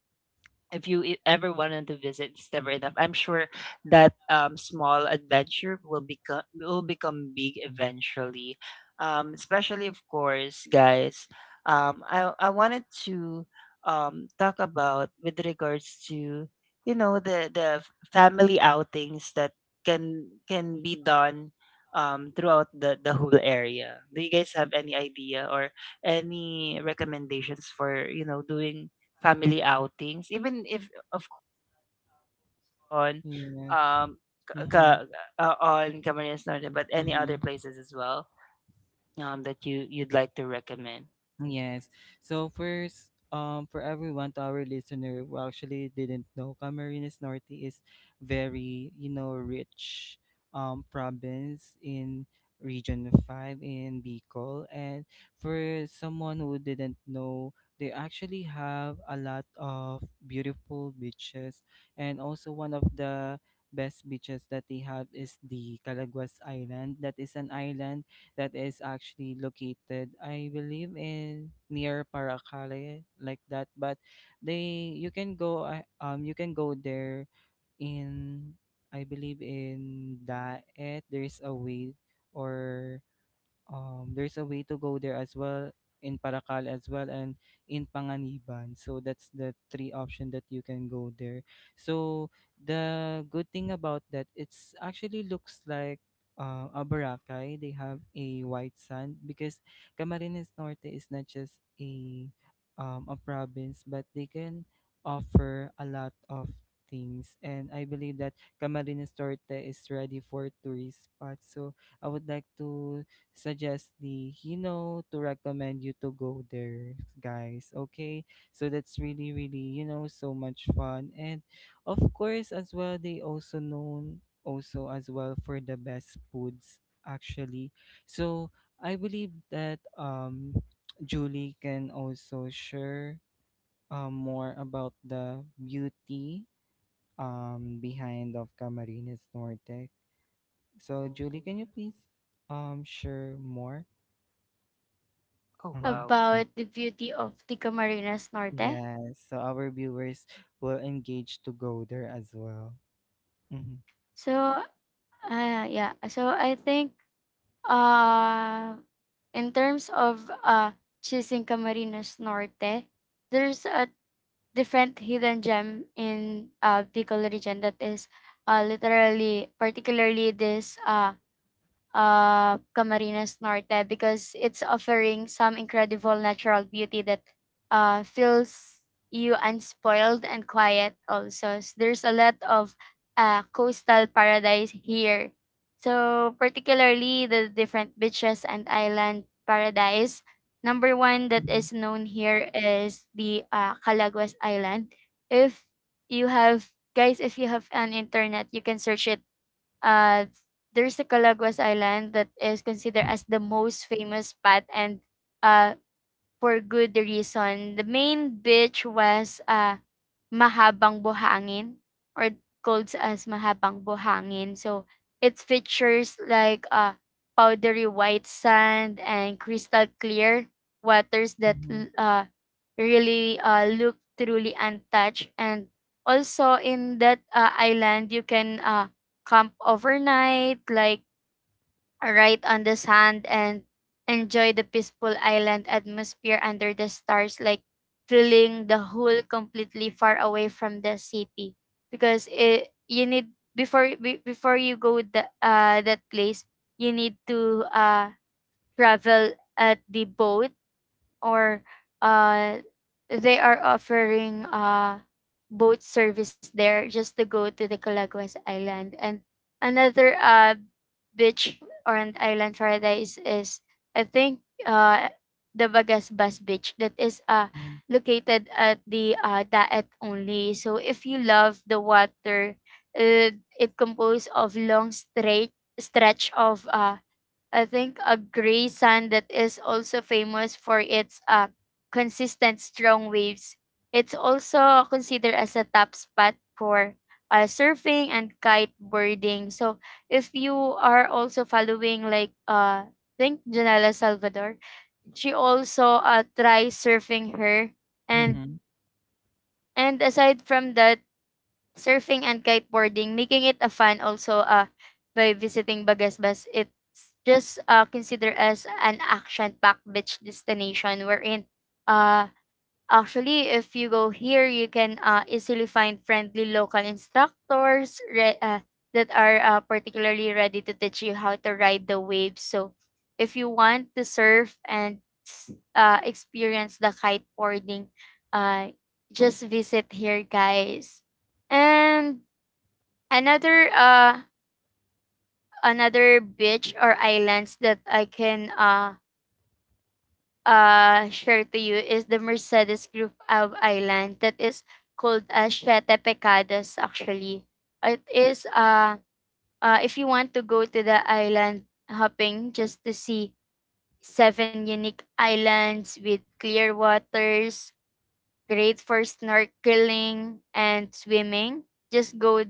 S1: if you ever wanted to visit, it's never enough. I'm sure that small adventure will become big eventually. Especially of course, guys. Um, I wanted to talk about with regards to the family outings that can be done throughout the whole area. Do you guys have any idea or any recommendations for doing family outings, even if of course on
S2: Yes.
S1: um ka,
S2: Mhm.
S1: ka- on Camarines Norte, but any other
S2: Mhm.
S1: places as well that you'd like to recommend?
S2: Yes. So first, for everyone, to our listener who actually didn't know, Camarines Norte is very, rich province in region 5 in Bicol. And for someone who didn't know, they actually have a lot of beautiful beaches, and also one of the best beaches that they have is the Calaguas Island. That is an island that is actually located, I believe, in near Paracale, like that. But they you can go, you can go there in, I believe in Daet. There's a way, or there's a way to go there as well in Paracal as well, and in Panganiban. So that's the three option that you can go there. So the good thing about that, it's actually looks like, a Boracay. They have a white sand because Camarines Norte is not just a, province, but they can offer a lot of things. And I believe that Camarines Norte is ready for tourist spots. So I would like to suggest the Hino to recommend you to go there, guys. Okay, so that's really, really, so much fun. And of course, as well, they also known also as well for the best foods actually. So I believe that Julie can also share more about the beauty behind of Camarines Norte. So Julie, can you please share more?
S1: Oh wow,
S2: Mm-hmm.
S3: About the beauty of the Camarines Norte.
S2: Yes, so our viewers will engage to go there as well. Mm-hmm.
S3: So yeah, so I think uh in terms of choosing Camarines Norte, there's a different hidden gem in Bicol region that is literally particularly this Camarines Norte because it's offering some incredible natural beauty that feels you unspoiled and quiet also. So there's a lot of coastal paradise here. So particularly the different beaches and island paradise. Number one that
S2: Mm-hmm.
S3: is known here is the Calaguas Island. If you have guys, if you have an internet, you can search it. uh, there's the Calaguas Island that is considered as the most famous spot and uh, for good reason. The main beach was Mahabang Buhangin, or called as Mahabang Buhangin. So it features like powdery white sand and crystal clear waters that
S2: Mm-hmm.
S3: really look truly untouched. And also in that island, you can camp overnight, like right on the sand and enjoy the peaceful island atmosphere under the stars, like feeling the whole completely far away from the city. Because you need before you go the that place, you need to travel at the boat or uh they are offering boat service there just to go to the Calaguas Island. And another beach or an island paradise is I think the Bagasbas Beach that is located at the Daet only. So if you love the water, uh, it composed of long straight stretch of I think a gray sand that is also famous for its consistent strong waves. It's also considered as a top spot for surfing and kiteboarding. So if you are also following like think Janela Salvador, she also tries surfing her.
S2: Mm-hmm.
S3: and
S2: Mm-hmm.
S3: and aside from that surfing and kiteboarding, making it a fun also by visiting Bagasbas. It's just considered as an action-packed beach destination wherein uh, actually, if you go here, you can easily find friendly local instructors that are particularly ready to teach you how to ride the waves. So, if you want to surf and experience the kiteboarding, uh, just visit here, guys. And another uh, another beach or islands that I can share to you is the Mercedes group of island that is called as Siete Pecados actually. It is if you want to go to the island hopping just to see seven unique islands with clear waters, great for snorkeling and swimming. Just go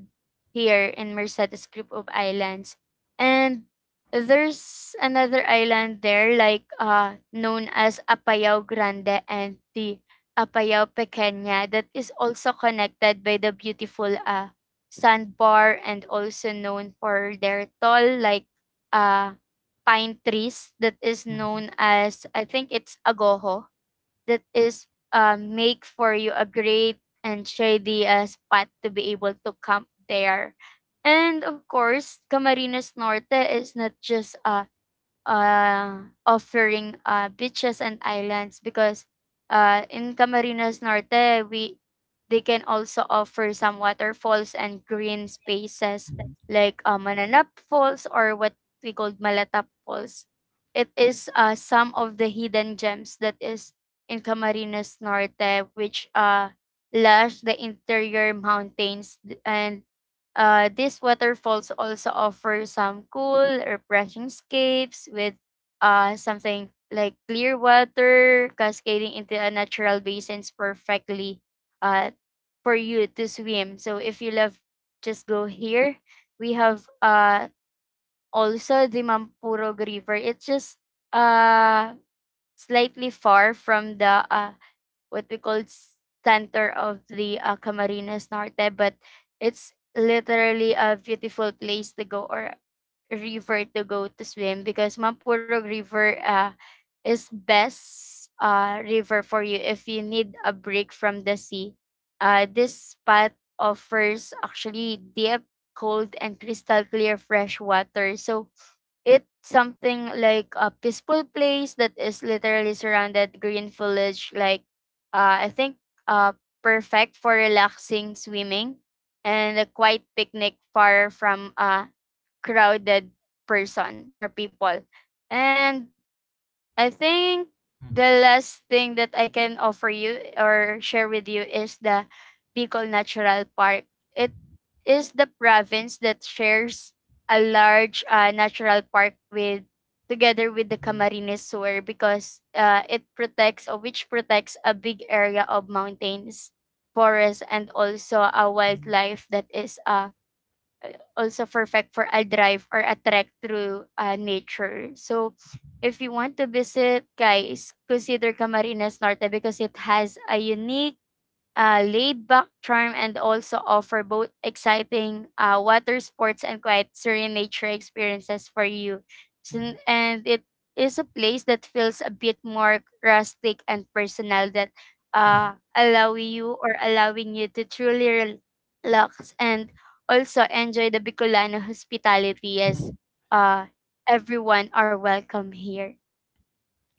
S3: here in Mercedes group of islands. And there's another island there like known as Apayao Grande and the Apayao Pequeña that is also connected by the beautiful sandbar and also known for their tall like uh pine trees that is
S2: Mm-hmm.
S3: known as I think it's agoho that is make for you a great and shady spot to be able to camp there. And of course, Camarines Norte is not just a offering beaches and islands because in Camarines Norte we they can also offer some waterfalls and green spaces like Mananap Falls or what we called Malatap Falls. It is some of the hidden gems that is in Camarines Norte, which lush the interior mountains and these waterfalls also offer some cool, refreshing scapes with something like clear water cascading into a natural basins perfectly uh, for you to swim. So if you love, just go here. We have also the Mampurog River. It's just uh, slightly far from the what we call center of the Camarines Norte, but it's literally a beautiful place to go or a river to go to swim because Mampurog River is best river for you if you need a break from the sea. This spot offers actually deep, cold, and crystal clear fresh water. So it's something like a peaceful place that is literally surrounded green foliage like I think uh, perfect for relaxing swimming and a quiet picnic far from a crowded person or people. And I think
S2: Mm-hmm.
S3: the last thing that I can offer you or share with you is the Bicol Natural Park. It is the province that shares a large natural park with together with the
S2: Mm-hmm.
S3: Camarines Sur because it protects or which protects a big area of mountains, forests, and also a wildlife that is also perfect for a drive or a trek through nature. So, if you want to visit, guys, consider Camarines Norte because it has a unique laid-back charm and also offer both exciting water sports and quiet, serene nature experiences for you.
S2: Mm-hmm.
S3: So- and it is a place that feels a bit more rustic and personal that allow you or allowing you to relax and also enjoy the Bicolano hospitality
S2: Mm-hmm.
S3: as uh, everyone are welcome here.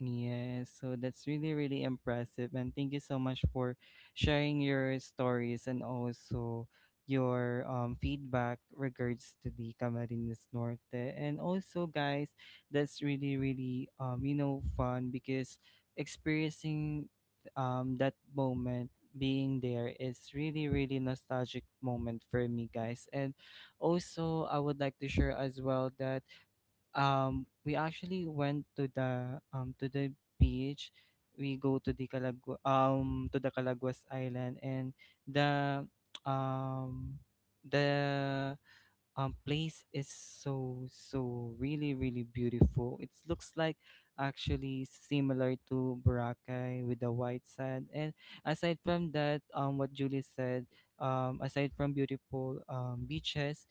S2: Yes, so that's really, really impressive. And thank you so much for sharing your stories, and also your feedback regards to the Camarines Norte. And also, guys, that's really, really, fun because experiencing that moment, being there is really, really nostalgic moment for me, guys. And also, I would like to share as well that we actually went to the, to the beach. We go to the Calaguas Island, and the, um the place is so, really really beautiful. It looks like actually similar to Boracay with the white sand. And aside from that, what Julie said, aside from beautiful beaches,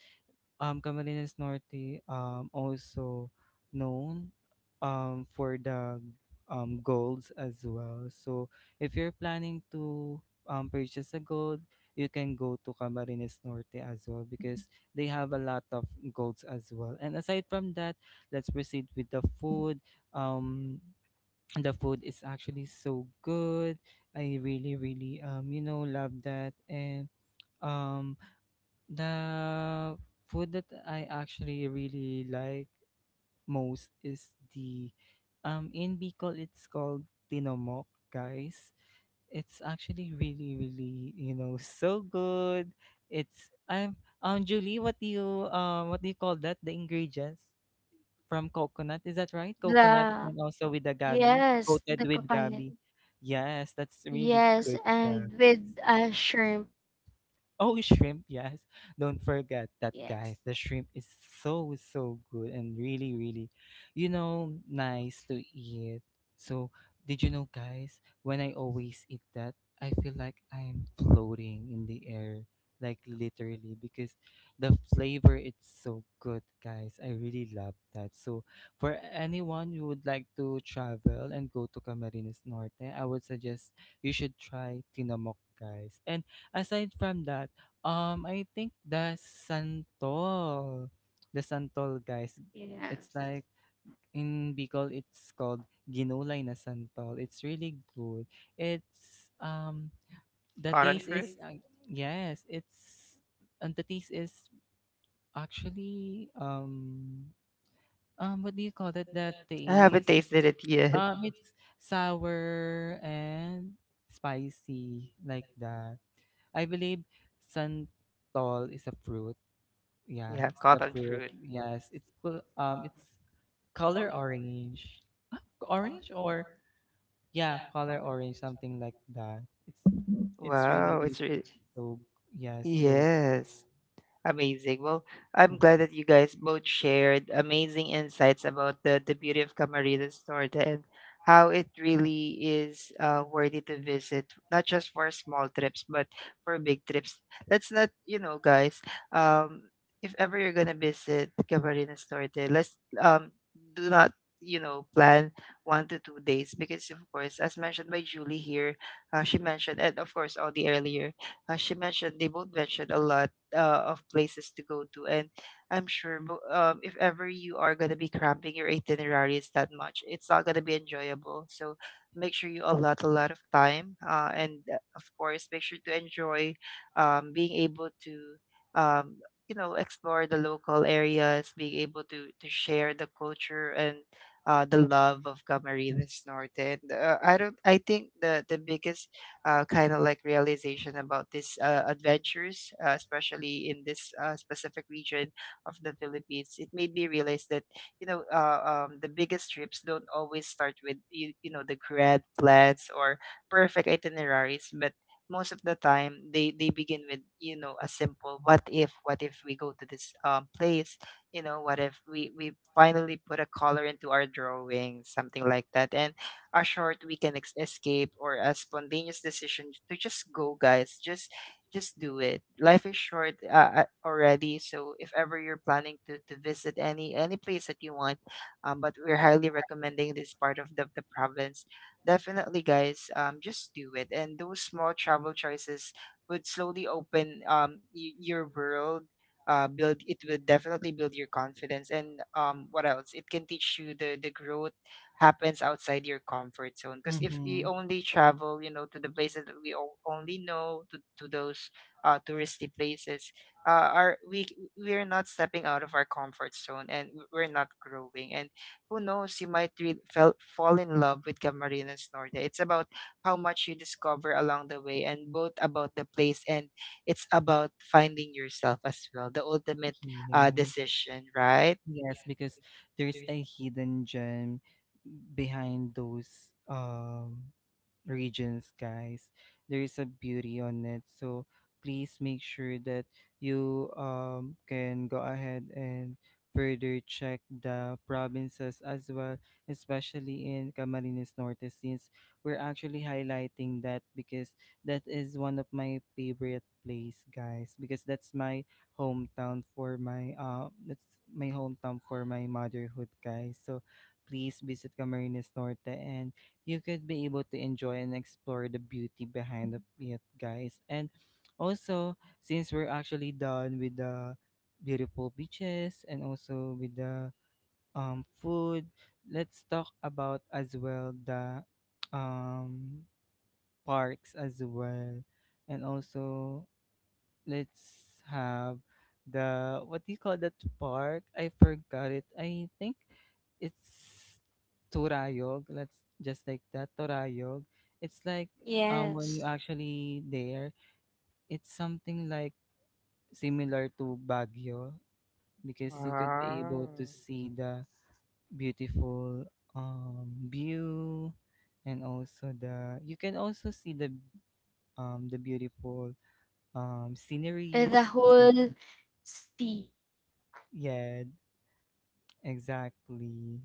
S2: Camarines Norte, also known, for the, golds as well. So if you're planning to, purchase a gold, you can go to Camarines Norte as well because they have a lot of golds as well. And aside from that, let's proceed with the food. Um, the food is actually so good. I really, really love that and um the food that I actually really like most is the in Bicol it's called tinomok, guys. It's actually really really so good. It's I'm Julie, what do you call that? The ingredients from coconut, is that right? Coconut
S3: The
S2: and also with the gabi,
S3: yes,
S2: coated
S3: the
S2: with
S3: coconut.
S2: gabi. Yes, that's really
S3: Yes,
S2: good.
S3: and with, a shrimp.
S2: Oh, shrimp, yes. Don't forget that,
S3: Yes,
S2: guys. The shrimp is so, so good and really, really nice to eat. So, did you know, guys, when I always eat that, I feel like I'm floating in the air, like literally, because the flavor is so good, guys. I really love that. So, for anyone who would like to travel and go to Camarines Norte, I would suggest you should try Tinamok, guys. And aside from that, I think the santol. The santol, guys. It's
S3: yes.
S2: like in Bicol, it's called ginulay na santol. It's really good. It's the
S1: cotton
S2: taste
S1: fruit.
S2: is yes, it's and the taste is actually what do you call that? The
S1: I haven't
S2: taste
S1: tasted it yet.
S2: it's sour and spicy like that. I believe santol is a fruit. Yes,
S1: Yeah,
S2: the
S1: cotton
S2: fruit.
S1: fruit.
S2: Yes, it's color orange, orange or yeah, color orange, something like that. It's really
S1: Wow,
S2: really
S1: it's really.
S2: so yeah so
S1: Yes. Amazing. Well, I'm
S2: mm,
S1: glad that you guys both shared amazing insights about the beauty of Camarines Norte and how it really is worthy to visit, not just for small trips, but for big trips. Let's not, you know, guys, um, if ever you're going to visit Camarines Norte, let's do not, you know, plan 1 to 2 days because, of course, as mentioned by Julie here, she mentioned, and of course, all the earlier, she mentioned, they both mentioned a lot of places to go to. And I'm sure if ever you are going to be cramping your itineraries that much, it's not going to be enjoyable. So make sure you allot a lot of time. And of course, make sure to enjoy being able to. Um, you know, explore the local areas, being able to share the culture and the love of Camarines Norte. And, I don't. I think the biggest kind of like realization about this adventures, especially in this specific region of the Philippines, it made me realize that the biggest trips don't always start with you know the grand plans or perfect itineraries, but most of the time they begin with you know a simple what if, what if we go to this place, you know what if we finally put a color into our drawing, something like that. And a short weekend escape or a spontaneous decision to just go, guys, just do it. Life is short already, so if ever you're planning to visit any place that you want, but we're highly recommending this part of the province, definitely, guys, just do it. And those small travel choices would slowly open your world, build it will definitely build your confidence. And what else, it can teach you the growth happens outside your comfort zone, because if we
S2: mm-hmm.
S1: only travel you know to the places that we only know, to those touristy places, are we we're not stepping out of our comfort zone, and we're not growing. And who knows, you might fall in love with Camarines Norte. It's about how much you discover along the way, and both about the place and it's about finding yourself as well, the ultimate
S2: Yes.
S1: decision, right?
S2: Yes, because there's a hidden gem behind those regions, guys. There is a beauty on it. So please make sure that you can go ahead and further check the provinces as well, especially in Camarines Norte, since we're actually highlighting that because that is one of my favorite place, guys, because that's my hometown for my motherhood, guys, so please visit Camarines Norte and you could be able to enjoy and explore the beauty behind of it, guys. And also, since we're actually done with the beautiful beaches and also with the food, let's talk about as well the um parks as well, and also let's have the what do you call that park? I forgot it. I think it's Torayog. Let's just like that, Torayog. It's like when
S3: Yes,
S2: you actually there, it's something like similar to Baguio because you could be able
S1: Wow.
S2: to see the beautiful view, and also the you can also see the beautiful
S3: and the
S2: sceneries just like
S3: whole sea.
S2: yeah. Exactly.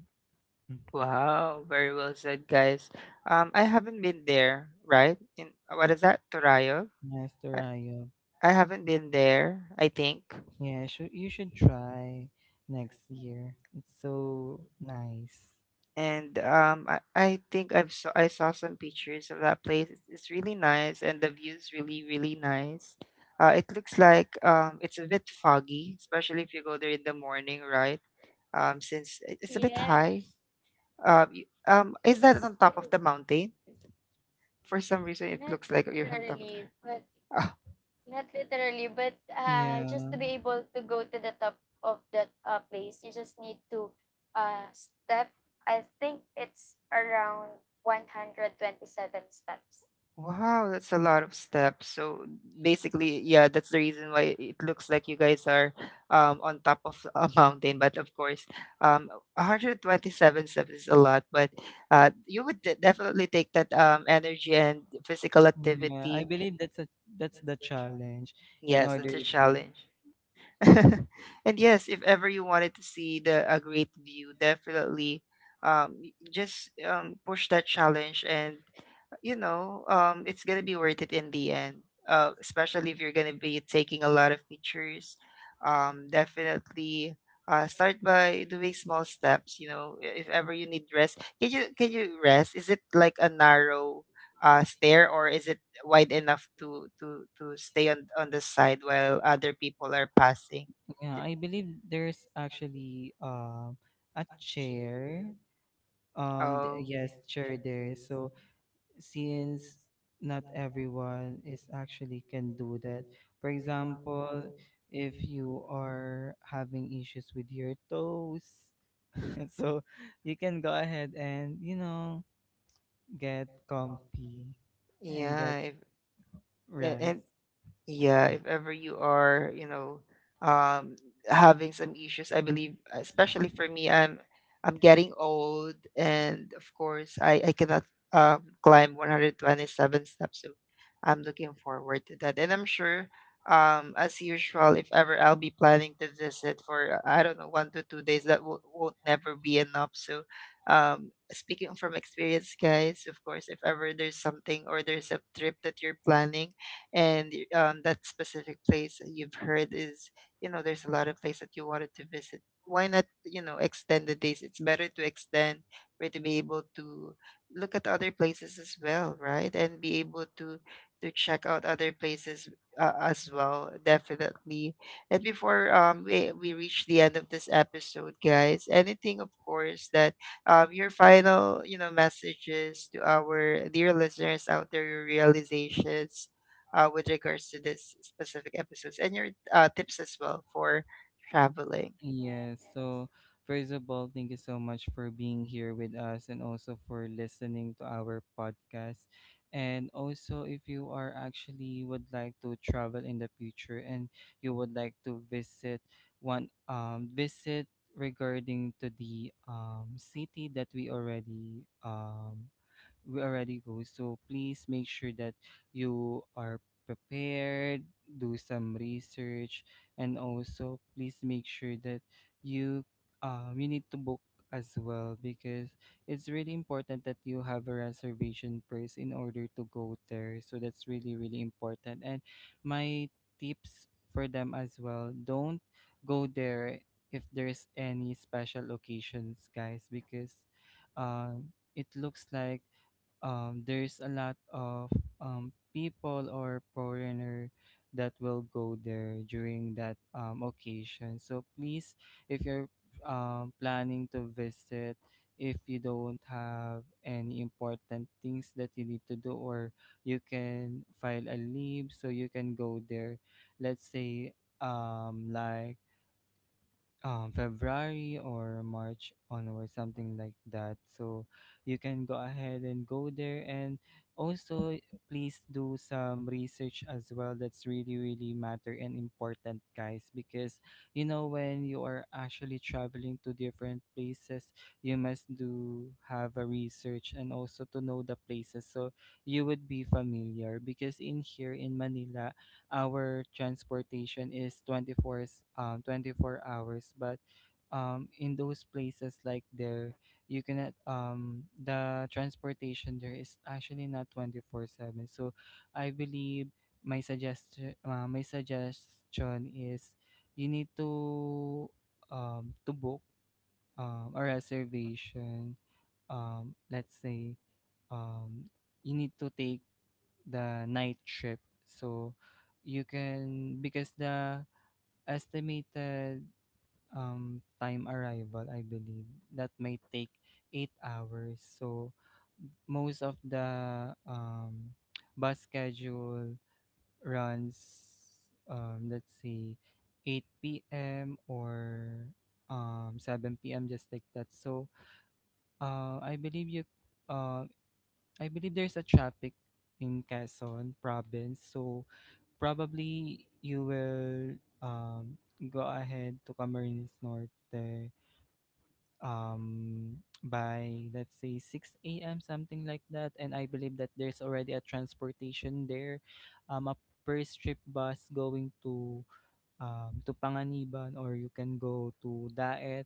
S1: Wow, very well said, guys. I haven't been there, right? In what is that, Torayo?
S2: Master
S1: I,
S2: Ayub.
S1: I haven't been there, I think.
S2: Yeah, should you should try next year. It's so nice.
S1: And I think I saw some pictures of that place. It's really nice, and the view's really really nice. It looks like it's a bit foggy, especially if you go there in the morning, right? Since it's a bit high,
S3: Yes,
S1: Y
S3: it
S1: is that
S3: is
S1: on top of
S3: true.
S1: the mountain? For some reason, it
S3: Not
S1: looks like you're on top of
S3: literally, but
S1: the… [laughs]
S3: not literally, but, just
S2: Yeah.
S3: to be able to go to the top of that, place, you just need to, step. I think it's around 127 steps.
S1: Oh, wow, that's a lot of steps. So basically, yeah, that's the reason why it looks like you guys are on top of a [laughs] mountain. But of course, um, 127 steps is a lot, but you would definitely take that energy and physical
S2: Yeah. I
S1: activity.
S2: believe that's a that's the challenge in
S1: Yes,
S2: order
S1: it's a
S2: to.
S1: challenge. [laughs] And yes, if ever you wanted to see the a great view, definitely just push that challenge and you know, it's gonna be worth it in the end. Especially if you're gonna be taking a lot of pictures. Definitely start by doing small steps. You know, if ever you need rest, can you rest? Is it like a narrow stair or is it wide enough to to stay on the side while other people are passing?
S2: Yeah,
S1: D-
S2: I believe there's actually a chair.
S1: Oh,
S2: Yes, chair there. So since not everyone is actually can do that. For example, if you are having issues with your toes, [laughs] so you can go ahead and you know get comfy and
S1: yeah.
S2: get
S1: If, a-
S2: rest.
S1: and Yeah,
S2: Yes.
S1: if ever you are, you know, um, having some issues, I believe, especially for me, I'm getting old, and of course, I cannot climb 127 steps. So I'm looking forward to that, and I'm sure, as usual, if ever I'll be planning to visit for I don't know 1 to 2 days, that will won't never be enough. So, speaking from experience, guys, of course, if ever there's something or there's a trip that you're planning, and that specific place that you've heard is you know there's a lot of place that you wanted to visit, why not you know extend the days? It's better to extend for to be able to look at other places as well, right, and be able to check out other places as well, definitely. And before we reach the end of this episode, guys, anything of course that your final you know messages to our dear listeners out there, your realizations with regards to this specific episodes and your tips as well for traveling.
S2: Yes. So, first of all, thank you so much for being here with us and also for listening to our podcast. And also, if you are actually would like to travel in the future and you would like to visit one visit regarding to the city that we already go. So please make sure that you are prepared, do some research, and also please make sure that you you need to book as well because it's really important that you have a reservation first in order to go there. So that's really really important. And my tips for them as well. Don't go there if there's any special occasions, guys, because it looks like there's a lot of people or foreigner that will go there during that occasion. So please, if you're planning to visit, if you don't have any important things that you need to do, or you can file a leave so you can go there. Let's say like February or March onwards, something like that. So you can go ahead and go there. And also, please do some research as well. That's really, really matter and important, guys. Because, you know, when you are actually traveling to different places, you must do have a research and also to know the places. So you would be familiar. Because in here in Manila, our transportation is 24 hours, but in those places like there you cannot the transportation there is actually not 24/7. So I believe my suggestion is you need to book a reservation, let's say um you need to take the night shift. So you can because the estimated time arrival, I believe that may take 8 hours. So most of the bus schedule runs, let's say, 8 p.m. or 7 p.m., just like that. So uh, I believe you uh, I believe there's a traffic in Quezon province. So probably you will um, go ahead to Camarines Norte um, by, let's say, 6 a.m., something like that. And I believe that there's already a transportation there, a per trip bus going to Panganiban, or you can go to Daet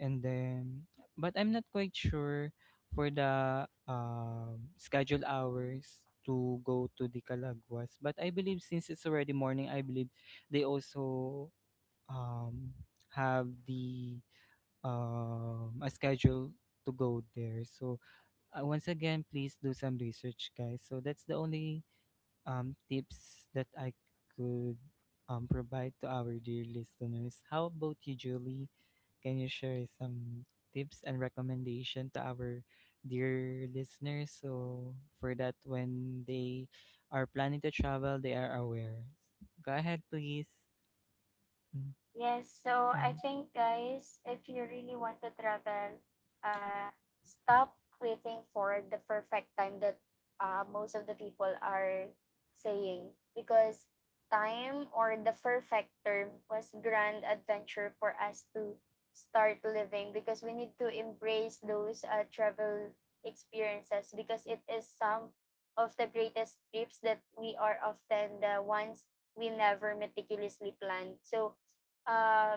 S2: and then but I'm not quite sure for the scheduled hours to go to the Calaguas, but I believe since it's already morning I believe they also um, have the a schedule to go there. So once again, please do some research guys, so that's the only tips that I could provide to our dear listeners. How about you, Julie? Can you share some tips and recommendation to our dear listeners so for that when they are planning to travel, they are aware? Go ahead, please. Mm,
S3: Yes, so I
S2: mm.
S3: think guys, if you really want to travel, uh, stop waiting for the perfect time that most of the people are saying because time or the perfect term was grand adventure for us to start living because we need to embrace those travel experiences because it is some of the greatest trips that we are often the ones we never meticulously planned. So uh,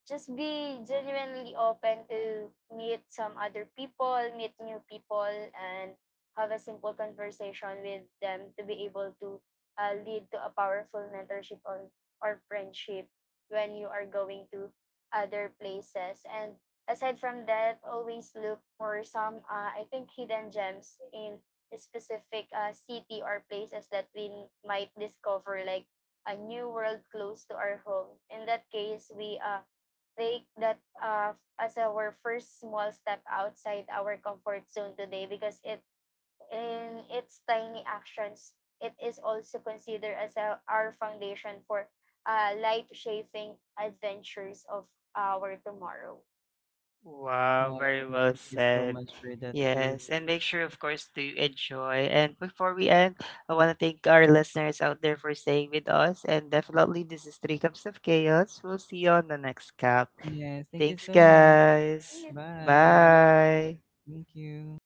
S3: just be genuinely open to meet some other people, meet new people, and have a simple conversation with them to be able to lead to a powerful mentorship or friendship when you are going to other places. And aside from that, always look for some, I think, hidden gems in a specific city or places that we might discover, like a new world close to our home. In that case, we take that as our first small step outside our comfort zone today because it in its tiny actions, it is also considered as a, our foundation for life-shaping adventures of our tomorrow.
S1: Wow,
S2: Oh,
S1: very well
S2: thank you so
S1: said.
S2: much for that, Julie.
S1: Yes, and make sure, of course, to enjoy. And before we end, I want to thank our listeners out there for staying with us. And definitely, this is Three Cups of Chaos. We'll see you on the next cup.
S2: Yes, thank you
S1: Thanks,
S2: so much.
S1: guys.
S2: Bye.
S3: Bye.
S1: Bye.
S2: Thank you.